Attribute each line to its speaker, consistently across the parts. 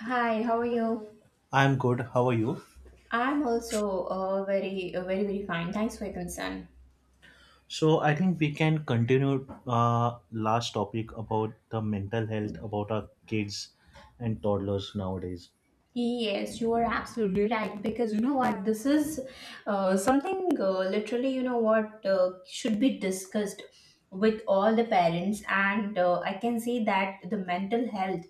Speaker 1: Hi, how are you?
Speaker 2: I'm good. How are you?
Speaker 1: I'm also very, very, very fine. Thanks for your concern.
Speaker 2: So I think we can continue last topic about the mental health about our kids and toddlers nowadays.
Speaker 1: Yes, you are absolutely right, because you know what, this is something literally, you know what, should be discussed with all the parents. And I can say that the mental health,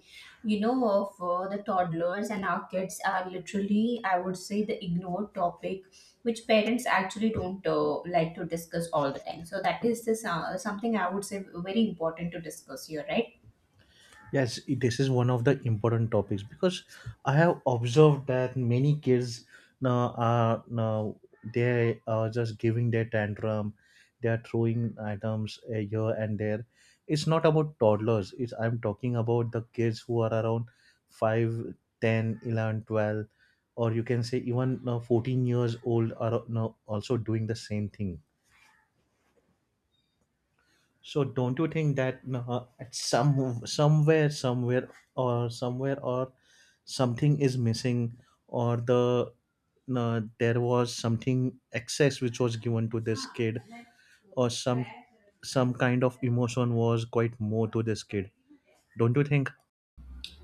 Speaker 1: you know, of the toddlers and our kids are literally, I would say, the ignored topic, which parents actually don't like to discuss all the time. So that is this, something I would say very important to discuss here, right?
Speaker 2: Yes, this is one of the important topics because I have observed that many kids now they are just giving their tantrum, they are throwing items here and there. It's not about toddlers. It's I'm talking about the kids who are around 5, 10, 11, 12, or you can say even 14 years old are now also doing the same thing. So don't you think that at some somewhere somewhere or somewhere or something is missing or there was something excess which was given to this kid, or some kind of emotion was quite more to this kid, don't you think?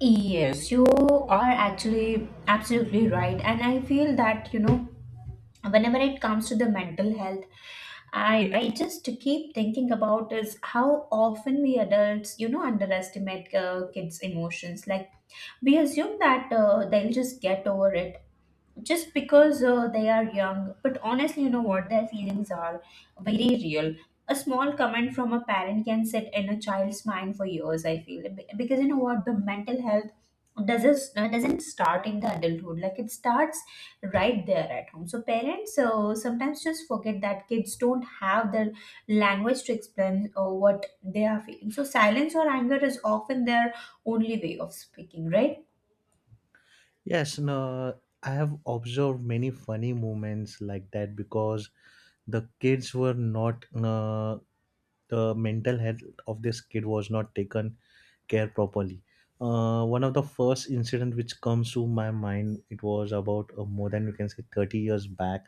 Speaker 1: Yes, you are actually absolutely right. And I feel that, you know, whenever it comes to the mental health, I just keep thinking about is how often we adults, you know, underestimate kids' emotions. Like, we assume that they'll just get over it just because they are young. But honestly, you know what? Their feelings are very real. A small comment from a parent can sit in a child's mind for years, I feel. Because you know what, the mental health doesn't doesn't start in the adulthood, like it starts right there at home. So parents sometimes just forget that kids don't have the language to explain what they are feeling, so silence or anger is often their only way of speaking, right?
Speaker 2: Yes, no, I have observed many funny moments like that, because the kids were not, the mental health of this kid was not taken care properly. One of the first incident which comes to my mind, it was about more than you can say 30 years back.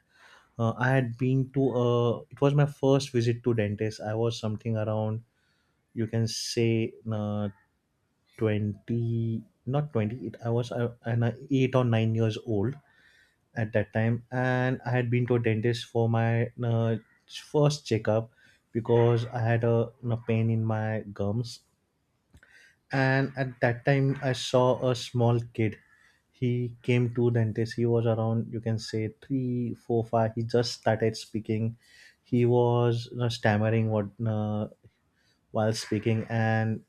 Speaker 2: I had been to, it was my first visit to dentist. I was something around, you can say, 20, not 20, I was 8 or 9 years old at that time, and I had been to a dentist for my first checkup because I had a pain in my gums. And at that time I saw a small kid. He came to dentist. He was around, you can say, 3, 4, 5. He just started speaking. He was stammering what while speaking, and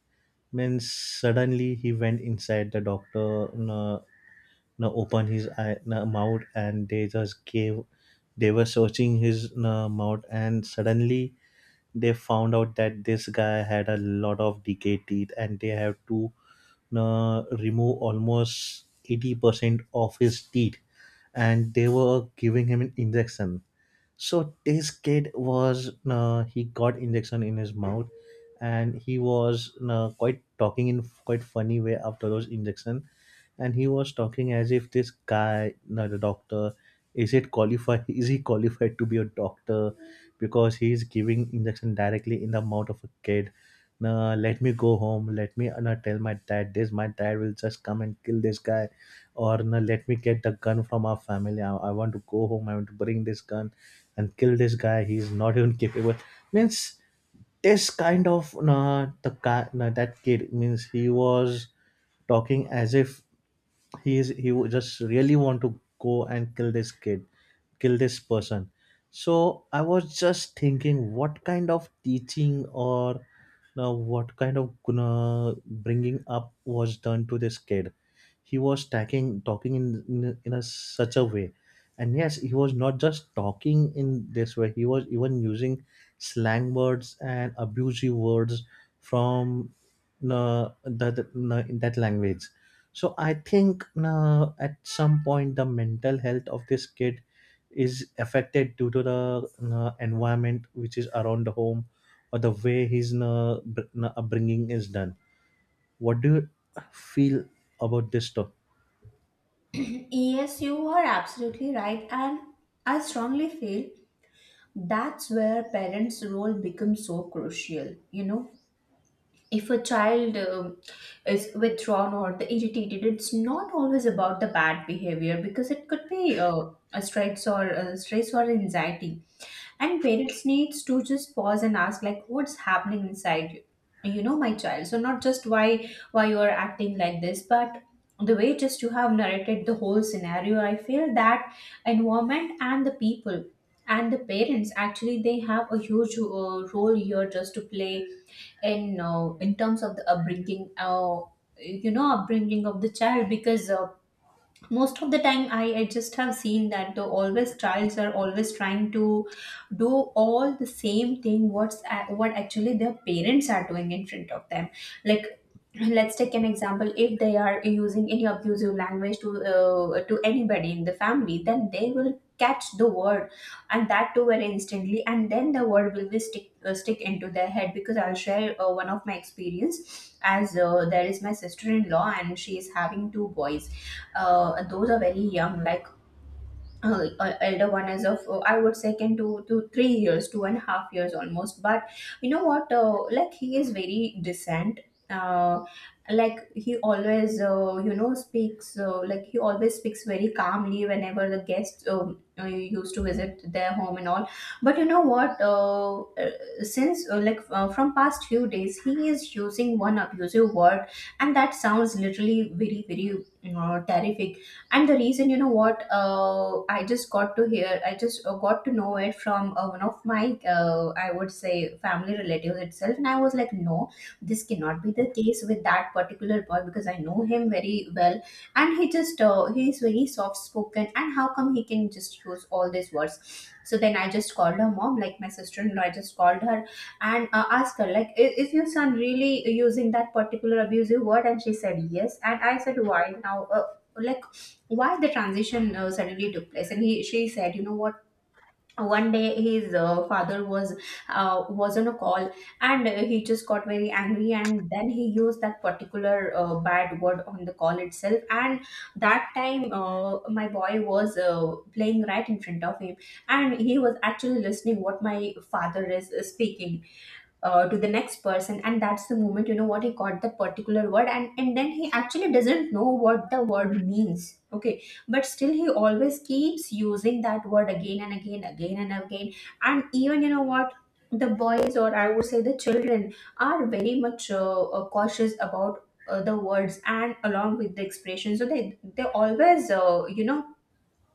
Speaker 2: then suddenly he went inside the doctor. Na, na Opened his eye, mouth, and they just gave. They were searching his mouth, and suddenly they found out that this guy had a lot of decayed teeth, and they have to remove almost 80% of his teeth. And they were giving him an injection, so this kid was, he got injection in his mouth, and he was quite talking in quite funny way after those injection. And he was talking as if, this guy, not a doctor, is it qualified is he qualified to be a doctor, because he is giving injection directly in the mouth of a kid? No, let me go home. Let me not tell my dad this. My dad will just come and kill this guy. Or no, let me get the gun from our family. I want to go home. I want to bring this gun and kill this guy. He's not even capable. Means this kind of, the guy, that kid, means he was talking as if, he would just really want to go and kill this kid, kill this person. So I was just thinking, what kind of teaching, or now what kind of bringing up was done to this kid? He was talking in in a such a way. And yes, he was not just talking in this way, he was even using slang words and abusive words from, the in that language. So I think at some point the mental health of this kid is affected due to the environment which is around the home, or the way his upbringing is done. What do you feel about this talk?
Speaker 1: Yes, you are absolutely right, and I strongly feel that's where parents' role becomes so crucial. You know, if a child is withdrawn or the irritated, it's not always about the bad behavior, because it could be a stress, or anxiety. And parents needs to just pause and ask, like, what's happening inside you, you know, my child. So not just why you are acting like this, but the way just you have narrated the whole scenario, I feel that environment and the people and the parents actually, they have a huge role here just to play. And in terms of the upbringing, you know, upbringing of the child, because most of the time, I just have seen that the always childs are always trying to do all the same thing what's what actually their parents are doing in front of them. Like, let's take an example: if they are using any abusive language to anybody in the family, then they will catch the word, and that too very instantly. And then the word will be stick stick into their head. Because I'll share one of my experience. As there is my sister-in-law, and she is having two boys. And those are very young. Like, elder one is of, I would say, can do to 3 years, 2.5 years almost. But you know what, like, he is very decent. uh, like he always you know speaks, like he always speaks very calmly whenever the guests used to visit their home and all. But you know what, since, like, from past few days, he is using one abusive word, and that sounds literally very, very terrific. And the reason, you know what, I just got to hear I just got to know it from one of my, I would say, family relatives itself. And I was like, no, this cannot be the case with that particular boy, because I know him very well, and he just he is very soft spoken, and how come he can just use all these words? So then I just called her mom, like my sister-in-law. I just called her and asked her, like, is your son really using that particular abusive word? And she said, yes. And I said, why? Now, like, why the transition suddenly took place? And he she said, you know what, one day his father was was on a call, and he just got very angry, and then he used that particular bad word on the call itself. And that time, my boy was playing right in front of him, and he was actually listening what my father is speaking to the next person. And that's the moment, you know what, he got the particular word. And then, he actually doesn't know what the word means, okay? But still, he always keeps using that word again and again, again and again. And even, you know what, the boys, or I would say the children, are very much cautious about the words and along with the expression. So they always, you know,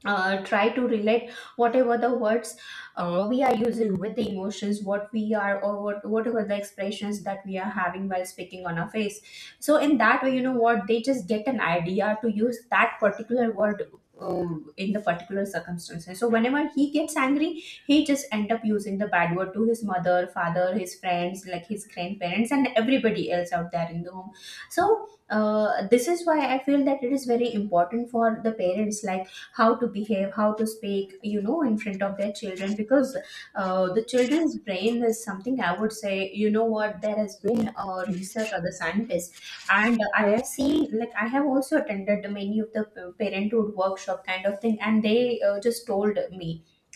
Speaker 1: try to relate whatever the words we are using with the emotions what we are, or whatever the expressions that we are having while speaking on our face. So in that way, you know what, they just get an idea to use that particular word uh, in the particular circumstances. So whenever he gets angry, he just end up using the bad word to his mother, father, his friends, like his grandparents, and everybody else out there in the home. So, this is why I feel that it is very important for the parents, like, how to behave, how to speak, you know, in front of their children. Because the children's brain is something, I would say, you know what, there has been research, or the scientists, and I have seen, like I have also attended many of the parenthood workshop kind of thing, and they just told me,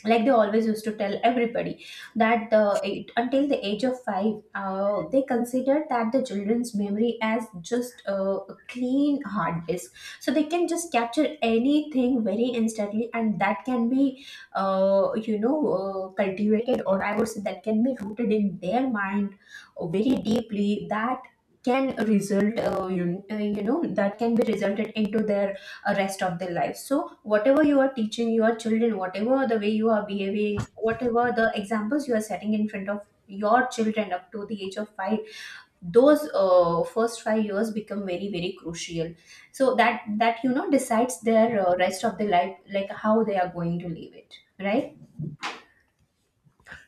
Speaker 1: like, they always used to tell everybody that the until the age of five, they considered that the children's memory as just a clean hard disk. So they can just capture anything very instantly, and that can be you know, cultivated, or I would say that can be rooted in their mind very deeply, that can result, you know, that can be resulted into their rest of their life. So whatever you are teaching your children, whatever the way you are behaving, whatever the examples you are setting in front of your children up to the age of 5, those first 5 years become very, very crucial. So that, you know, decides their rest of the life, like how they are going to live it, right?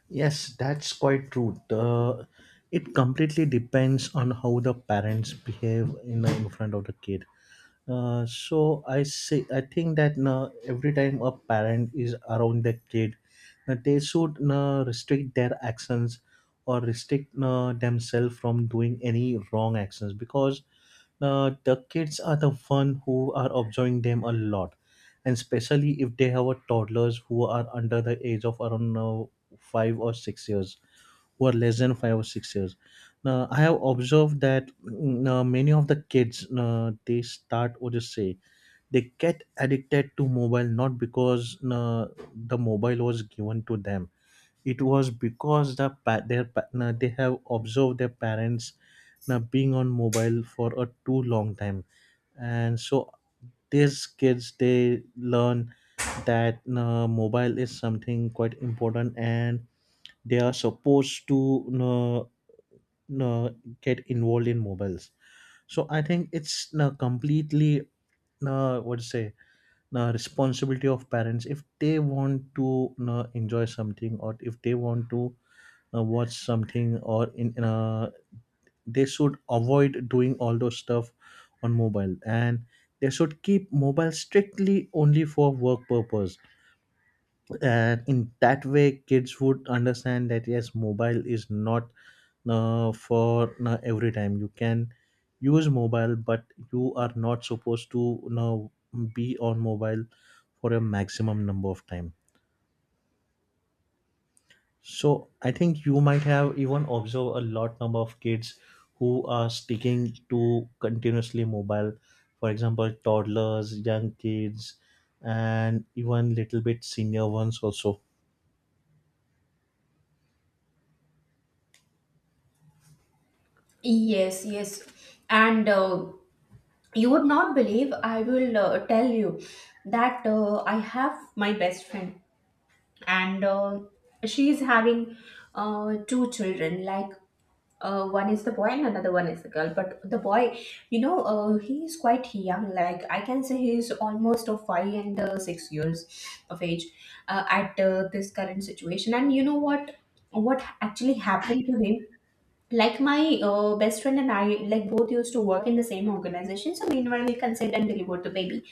Speaker 2: Yes, that's quite true. The it completely depends on how the parents behave in front of the kid. So I think that na every time a parent is around the kid, they should na restrict their actions, or restrict na themselves from doing any wrong actions, because the kids are the one who are observing them a lot, and especially if they have a toddlers who are under the age of around 5 or 6 years, who are less than 5 or 6 years. Now, I have observed that, many of the kids they start, or just say, they get addicted to mobile, not because the mobile was given to them. It was because they have observed their parents being on mobile for a too long time, and so these kids they learn that mobile is something quite important and they are supposed to uh, uh, get involved in mobiles. So I think it's completely, what to say, responsibility of parents. If they want to enjoy something, or if they want to watch something, or in they should avoid doing all those stuff on mobile, and they should keep mobile strictly only for work purpose. And in that way kids would understand that yes, mobile is not for every time you can use mobile, but you are not supposed to, be on mobile for a maximum number of time. So I think you might have even observed a lot number of kids who are sticking to continuously mobile, for example toddlers, young kids, and even little bit senior ones also.
Speaker 1: Yes, yes. And, you would not believe, I will tell you that I have my best friend, and she is having two children. Like, one is the boy and another one is the girl. But the boy, you know, he is quite young. Like I can say, he is almost of five and, 6 years of age at this current situation. And you know what? What actually happened to him? Like my, best friend and I, like, both used to work in the same organization. So meanwhile, we conceived and delivered the baby.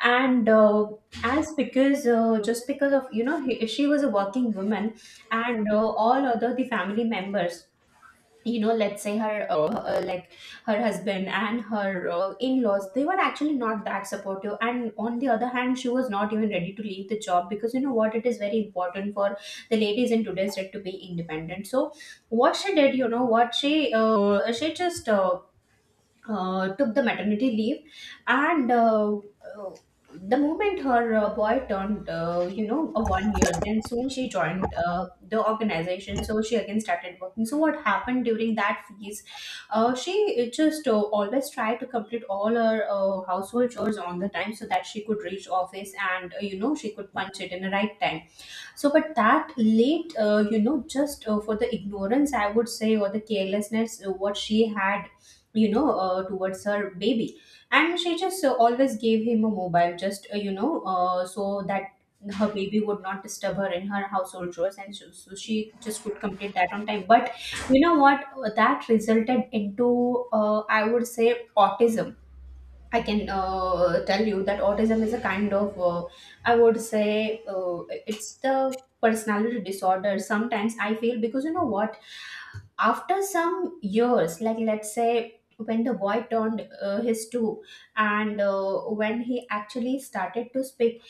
Speaker 1: And as because, just because of, you know, she was a working woman, and all other the family members, you know, let's say her, like, her husband and her, in-laws, they were actually not that supportive. And on the other hand, she was not even ready to leave the job, because you know what, it is very important for the ladies in today's day to be independent. So what she did, you know what, she just took the maternity leave. And, the moment her boy turned, you know, a 1 year, then soon she joined the organization. So she again started working. So what happened during that phase, she just always tried to complete all her household chores on the time, so that she could reach office and, you know, she could punch it in the right time. So, but that late, you know, just for the ignorance, I would say, or the carelessness what she had, you know, towards her baby. And she just always gave him a mobile, just you know, so that her baby would not disturb her in her household chores. And so she just could complete that on time. But you know what that resulted into? I would say, autism. I can tell you that autism is a kind of, I would say, it's the personality disorder. Sometimes I feel, because you know what, after some years, like let's say when the boy turned his two, and when he actually started to speak.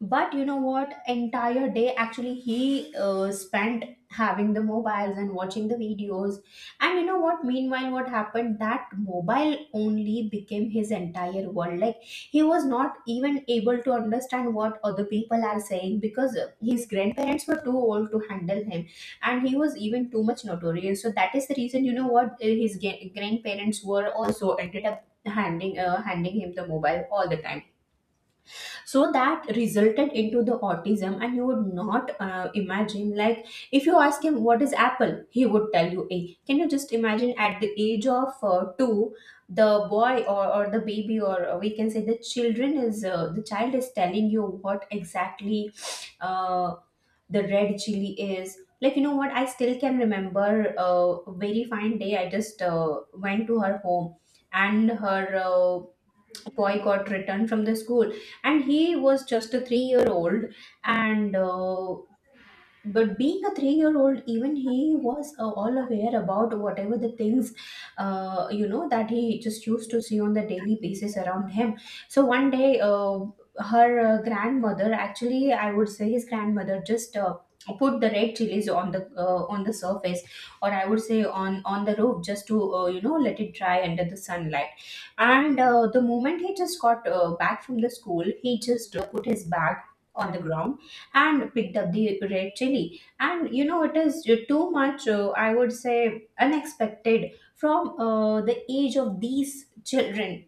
Speaker 1: But you know what, entire day actually he spent having the mobiles and watching the videos. And you know what, meanwhile what happened, that mobile only became his entire world. Like, he was not even able to understand what other people are saying, because his grandparents were too old to handle him. And he was even too much notorious, so that is the reason, you know what, his grandparents were also ended up handing him the mobile all the time. So that resulted into the autism. And you would not imagine, like, if you ask him what is apple, he would tell you a... Can you just imagine, at the age of 2, the boy or the baby, or we can say the children is the child is telling you what exactly uh, the red chili is. Like, you know what, I still can remember a very fine day. I just went to her home, and her boy got returned from the school, and he was just a 3-year old. And But being a three-year-old, even he was all aware about whatever the things, you know, that he just used to see on the daily basis around him. So one day, her grandmother, actually, I would say his grandmother, just put the red chilies on the on the surface, or I would say on the roof, just to you know, let it dry under the sunlight. And the moment he just got back from the school, he just put his bag on the ground and picked up the red chili. And you know, it is too much, I would say, unexpected from the age of these children,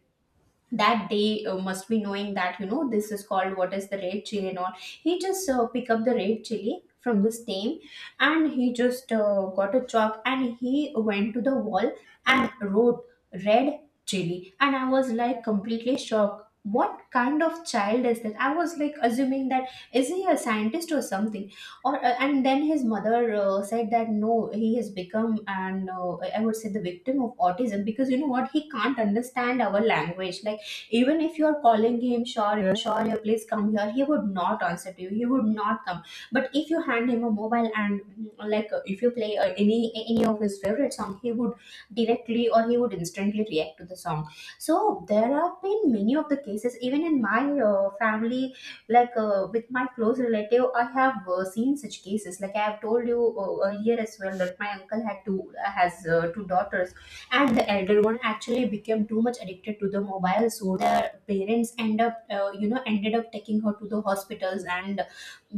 Speaker 1: that they must be knowing that, you know, this is called what is the red chili. And all, he just pick up the red chili from the stem, and he just got a chalk, and he went to the wall and wrote red chili. And I was like completely shocked. What kind of child is that? I was like assuming, that is he a scientist or something? Or and then his mother said that no, he has become an I would say the victim of autism, because you know what, he can't understand our language. Like, even if you're calling him, sure, yeah, sure, yeah, please come here, he would not answer to you. He would not come. But if you hand him a mobile and like, if you play any of his favorite song, he would directly, or he would instantly react to the song. So there have been many of the cases, even in my family, like with my close relative, I have seen such cases. Like I have told you earlier as well, that my uncle had two has two daughters, and the elder one actually became too much addicted to the mobile. So the parents ended up taking her to the hospitals, and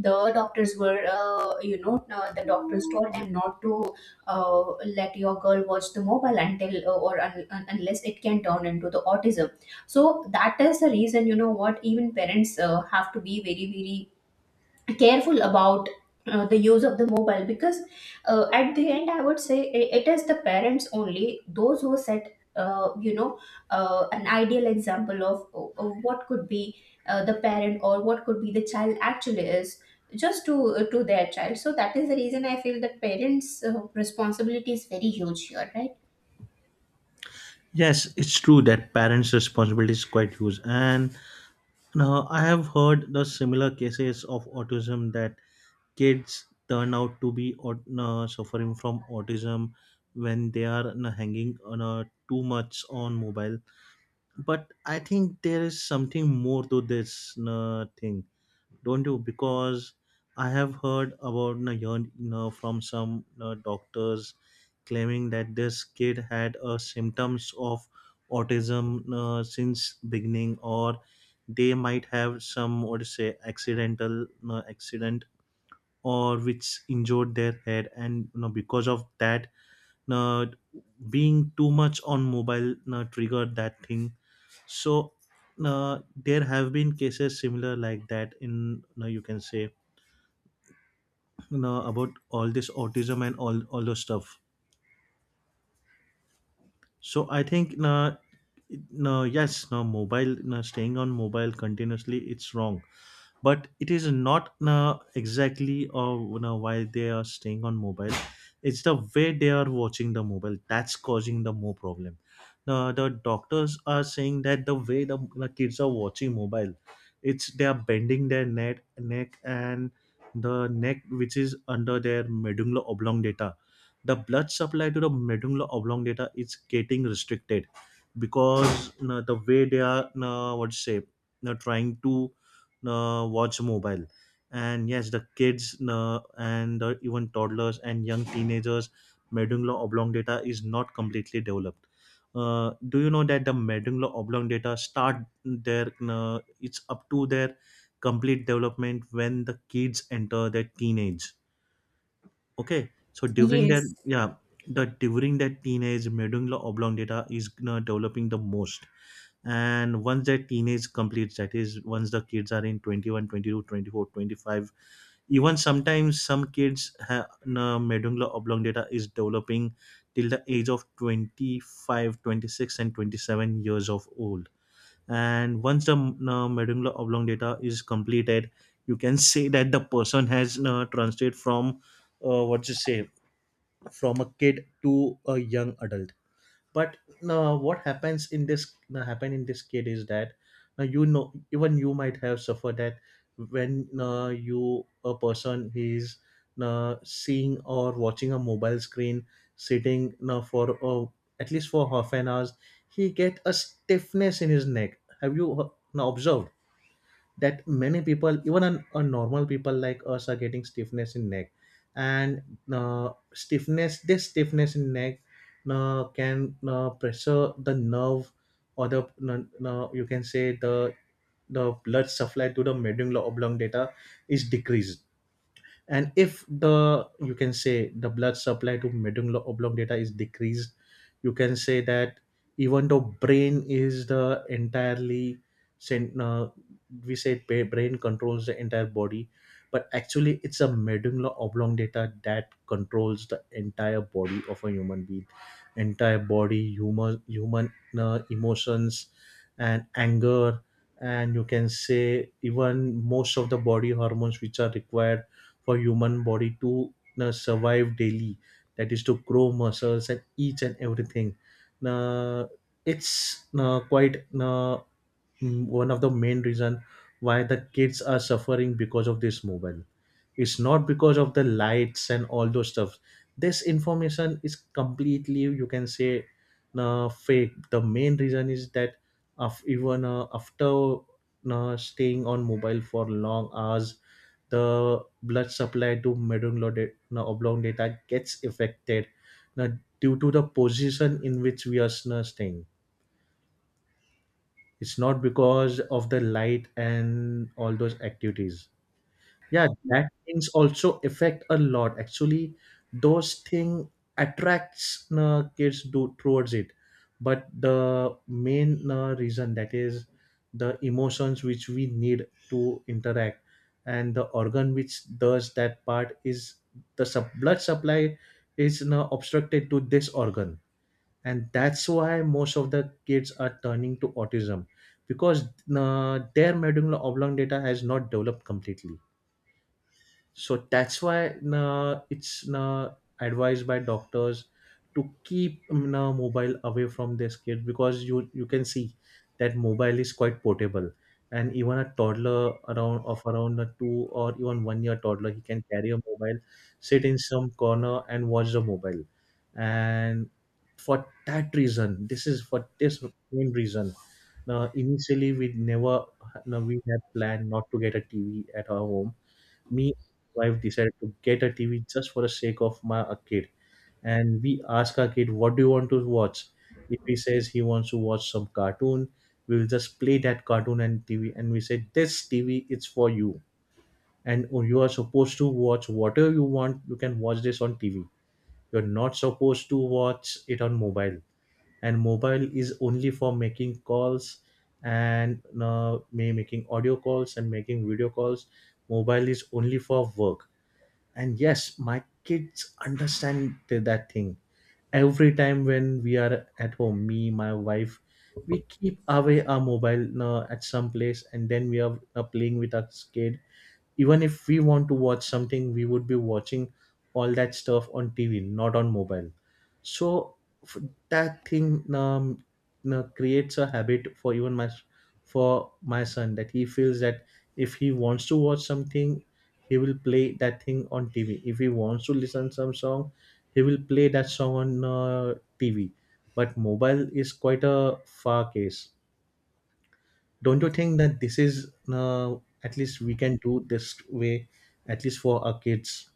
Speaker 1: the doctors were you know the doctors told them not to uh, let your girl watch the mobile, until or unless it can turn into the autism. So that is the reason, you know what, even parents have to be very very careful about the use of the mobile. Because at the end, I would say it is the parents only, those who set you know, an ideal example of what could be the parent or what could be the child actually is, just to their child. So that is the reason I feel that parents responsibility is very huge here, right?
Speaker 2: Yes, it's true that parents' responsibility is quite huge. And, I have heard the similar cases of autism, that kids turn out to be suffering from autism when they are, hanging on too much on mobile. But I think there is something more to this thing, don't you? Because I have heard about, from some, doctors claiming that this kid had symptoms of autism since beginning, or they might have some, what to say, accidental accident, or which injured their head. And, because of that, you being too much on mobile, you triggered that thing. So there have been cases similar like that in, you can say, you about all this autism and all those stuff. So I think, no, no, yes, no mobile, no, staying on mobile continuously, it's wrong, but it is not exactly, why they are staying on mobile. It's the way they are watching the mobile that's causing the more problem. The doctors are saying that the way the kids are watching mobile, it's they are bending their neck and the neck which is under their medulla oblongata, the blood supply to the medulla oblongata is getting restricted, because, the way they are, what to say, trying to watch mobile. And yes, the kids, and even toddlers and young teenagers medulla oblongata is not completely developed. Do you know that the medulla oblongata start their it's up to their complete development when the kids enter their teenage? Okay, so during their,
Speaker 1: Yes.
Speaker 2: yeah, the during that teenage medulla oblongata is developing the most. And once that teenage completes, that is once the kids are in 21, 22, 24, 25, even sometimes some kids have medulla oblongata is developing till the age of 25, 26, and 27 years of old. And once the medulla oblongata is completed, you can say that the person has translated from, what you say, from a kid to a young adult. But what happens in this, happen in this kid is that, you know, even you might have suffered that, when you, a person is seeing or watching a mobile screen, sitting for, at least for half an hour, he get a stiffness in his neck. Have you observed that many people, even a on normal people like us, are getting stiffness in neck? And stiffness, this stiffness in neck can pressure the nerve, or the you can say the blood supply to the medulla oblongata is decreased. And if the, you can say, the blood supply to medulla oblongata is decreased, you can say that, even though brain is the entirely cen- uh, brain controls the entire body, but actually it's a medulla oblongata that controls the entire body of a human being, entire body, human emotions and anger. And you can say even most of the body hormones which are required for human body to survive daily, that is to grow muscles and each and everything, uh, it's uh, quite uh, one of the main reason why the kids are suffering because of this mobile. It's not because of the lights and all those stuff. This information is completely, you can say, fake. The main reason is that, of, even after staying on mobile for long hours, the blood supply to medullary oblongata gets affected uh, due to the position in which we are staying. It's not because of the light and all those activities. Yeah, that things also affect a lot actually. Those thing attracts kids do towards it. But the main reason, that is, the emotions which we need to interact, and the organ which does that part is the blood supply is obstructed to this organ. And that's why most of the kids are turning to autism, because their medulla oblongata has not developed completely. So that's why, it's advised by doctors to keep mobile away from their kids, because you can see that mobile is quite portable, and even a toddler around a 2, or even 1 year toddler, he can carry a mobile, sit in some corner and watch the mobile. And for that reason, this is for this main reason. Now, initially we never, no, we had planned not to get a TV at our home. Me and my wife decided to get a TV just for the sake of my a kid. And we ask our kid, "What do you want to watch?" If he says he wants to watch some cartoon, we will just play that cartoon and TV, and we say, "This TV is for you, and you are supposed to watch whatever you want. You can watch this on TV. You're not supposed to watch it on mobile, and mobile is only for making calls." And may making audio calls and making video calls. Mobile is only for work. And yes, my kids understand that thing. Every time when we are at home, me, my wife, we keep away our mobile at some place and then we are playing with our kid. Even if we want to watch something we would be watching all that stuff on TV, not on mobile. So f- that thing, creates a habit for even my, for my son, that he feels that if he wants to watch something he will play that thing on TV. If he wants to listen some song, he will play that song on TV. But mobile is quite a far case. Don't you think that this is, at least we can do this way, at least for our kids?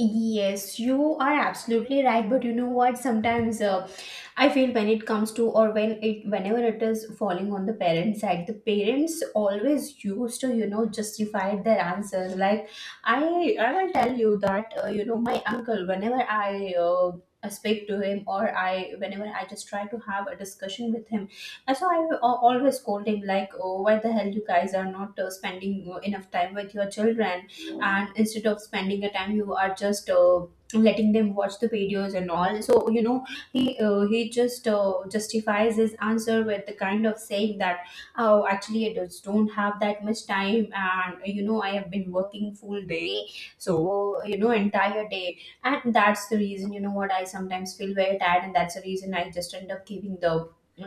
Speaker 1: Yes, you are absolutely right. But you know what? Sometimes I feel, when it comes to, or when it, whenever it is falling on the parents' side, the parents always used to, you know, justify their answers. Like I will tell you that, you know, my uncle. Whenever I speak to him, or I, whenever I just try to have a discussion with him, and so I will always scold him like, "Oh, why the hell you guys are not spending enough time with your children?" And instead of spending the time, you are just letting them watch the videos and all. So, you know, he he just justifies his answer with the kind of saying that, oh, actually I just don't have that much time, and you know, I have been working full day. So, you know, entire day, and that's the reason, you know what, I sometimes feel very tired, and that's the reason I just end up giving the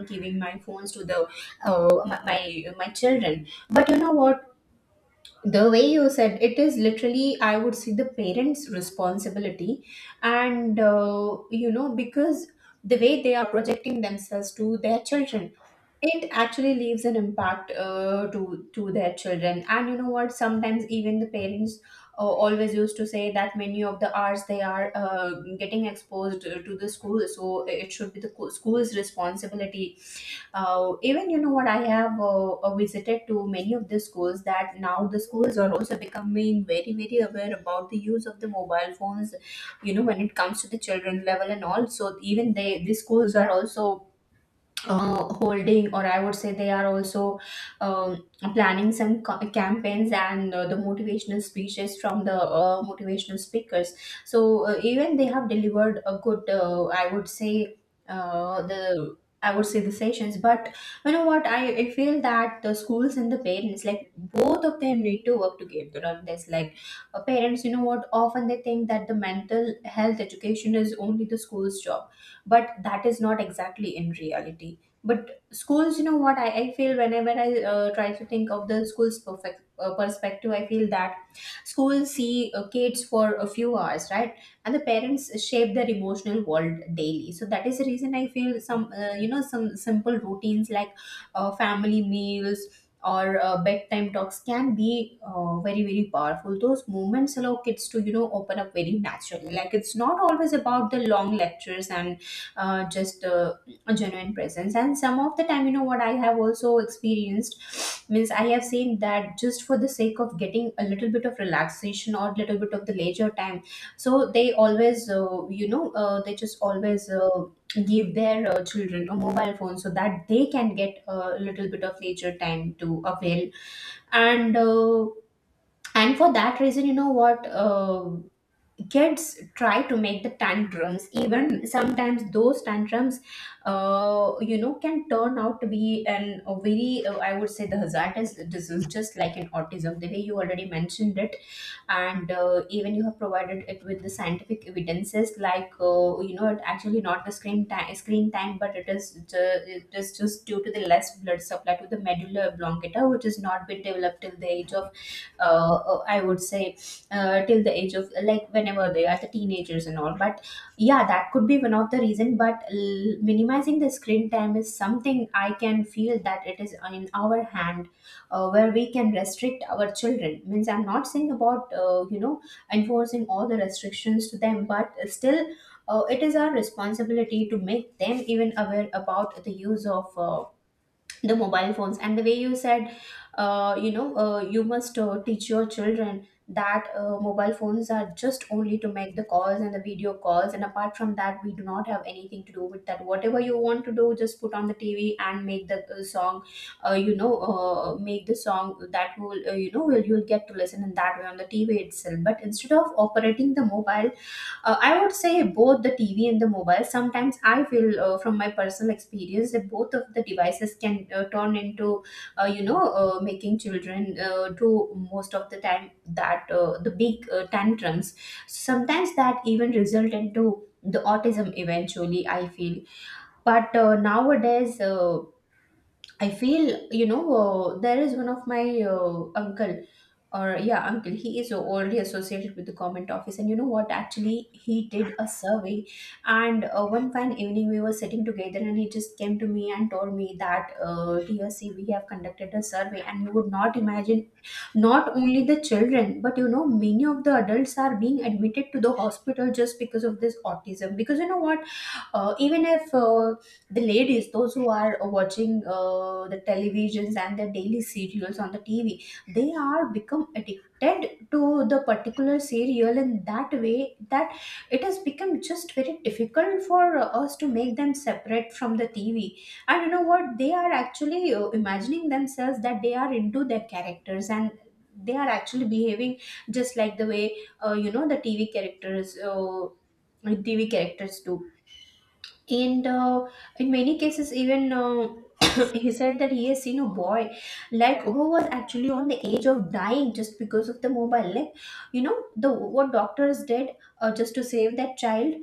Speaker 1: giving my phones to the my children. But you know what, the way you said, it is literally, I would say, the parents responsibility. And you know, because the way they are projecting themselves to their children, it actually leaves an impact to their children. And you know what, sometimes even the parents always used to say that many of the hours they are getting exposed to the school, so it should be the school's responsibility. Even, you know what, I have visited to many of the schools, that now the schools are also becoming very very aware about the use of the mobile phones. You know, when it comes to the children level and all. So even they, the schools are also holding, or I would say they are also um, planning some campaigns and the motivational speeches from the motivational speakers. So even they have delivered a good, I would say uh, the the sessions. But you know what, I feel that the schools and the parents, like, both of them need to work together on this. Like, parents, you know what, often they think that the mental health education is only the school's job. But that is not exactly in reality. But schools, you know what, I feel whenever I try to think of the school's perfect perspective, I feel that schools see kids for a few hours, right? And the parents shape their emotional world daily. So that is the reason I feel some, you know, some simple routines, like family meals or bedtime talks can be very very powerful. Those moments allow kids to, you know, open up very naturally. Like, it's not always about the long lectures, and just a genuine presence. And some of the time, you know what, I have also experienced, means I have seen that just for the sake of getting a little bit of relaxation or little bit of the leisure time, so they always you know they just always give their children a mobile phone, so that they can get a little bit of leisure time to avail. And and for that reason, you know what, kids try to make the tantrums. Even sometimes those tantrums you know, can turn out to be an a very I would say the hazardous disease, just like an autism, the way you already mentioned it. And even you have provided it with the scientific evidences, like you know, it actually not the screen time, but it is it is just due to the less blood supply to the medulla oblongata, which has not been developed till the age of, I would say, till the age of, like, whenever they are the teenagers and all. But yeah, that could be one of the reason. But minimizing the screen time is something I can feel that it is in our hand, where we can restrict our children. Means, I'm not saying about, you know, enforcing all the restrictions to them, but still, it is our responsibility to make them even aware about the use of the mobile phones. And the way you said, you know, you must teach your children that mobile phones are just only to make the calls and the video calls, and apart from that, we do not have anything to do with that. Whatever you want to do, just put on the TV and make the song. You know, make the song that will, you know, will, you'll get to listen in that way on the TV itself, but instead of operating the mobile. I would say both the TV and the mobile. Sometimes I feel, from my personal experience, that both of the devices can turn into, you know, making children do most of the time that the big tantrums. Sometimes that even result into the autism eventually, I feel. But nowadays. I feel, you know, there is one of my uncle, or yeah, uncle. He is already associated with the government office, and you know what, actually he did a survey. And one fine evening we were sitting together, and he just came to me and told me that, TSC, we have conducted a survey, and you would not imagine, not only the children, but you know, many of the adults are being admitted to the hospital just because of this autism. Because you know what, even if the ladies, those who are watching the televisions and the daily serials on the TV, they are become addicted to the particular serial in that way that it has become just very difficult for us to make them separate from the TV. And you know what, they are actually imagining themselves that they are into their characters, and they are actually behaving just like the way, you know, the TV characters do. And in many cases, even he said that he has seen a boy, like, who was actually on the edge of dying just because of the mobile. Like, you know, the what doctors did, just to save that child,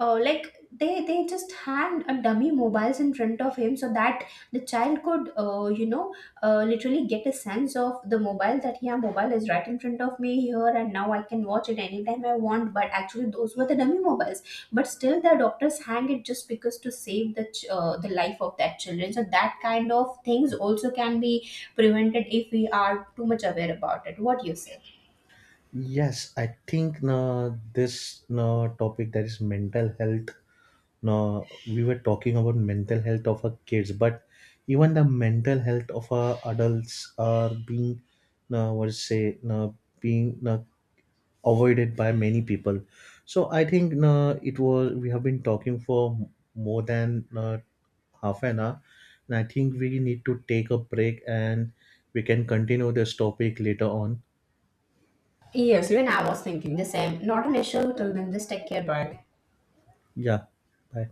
Speaker 1: like, they just had a dummy mobiles in front of him, so that the child could, you know, literally get a sense of the mobile, that yeah, mobile is right in front of me here, and now I can watch it anytime I want, but actually those were the dummy mobiles. But still the doctors hang it, just because to save the the life of that children. So that kind of things also can be prevented, if we are too much aware about it. What do you say?
Speaker 2: Yes, I think this topic, that is mental health. Now we were talking about mental health of our kids, but even the mental health of our adults are being, uh, what to say, uh, being uh, avoided by many people. So I think it was, we have been talking for more than half an hour, and I think we need to take a break and we can continue this topic later on.
Speaker 1: Yes, even I was thinking the same. Not an issue. Till then, just take care. Bye.
Speaker 2: Yeah, bye.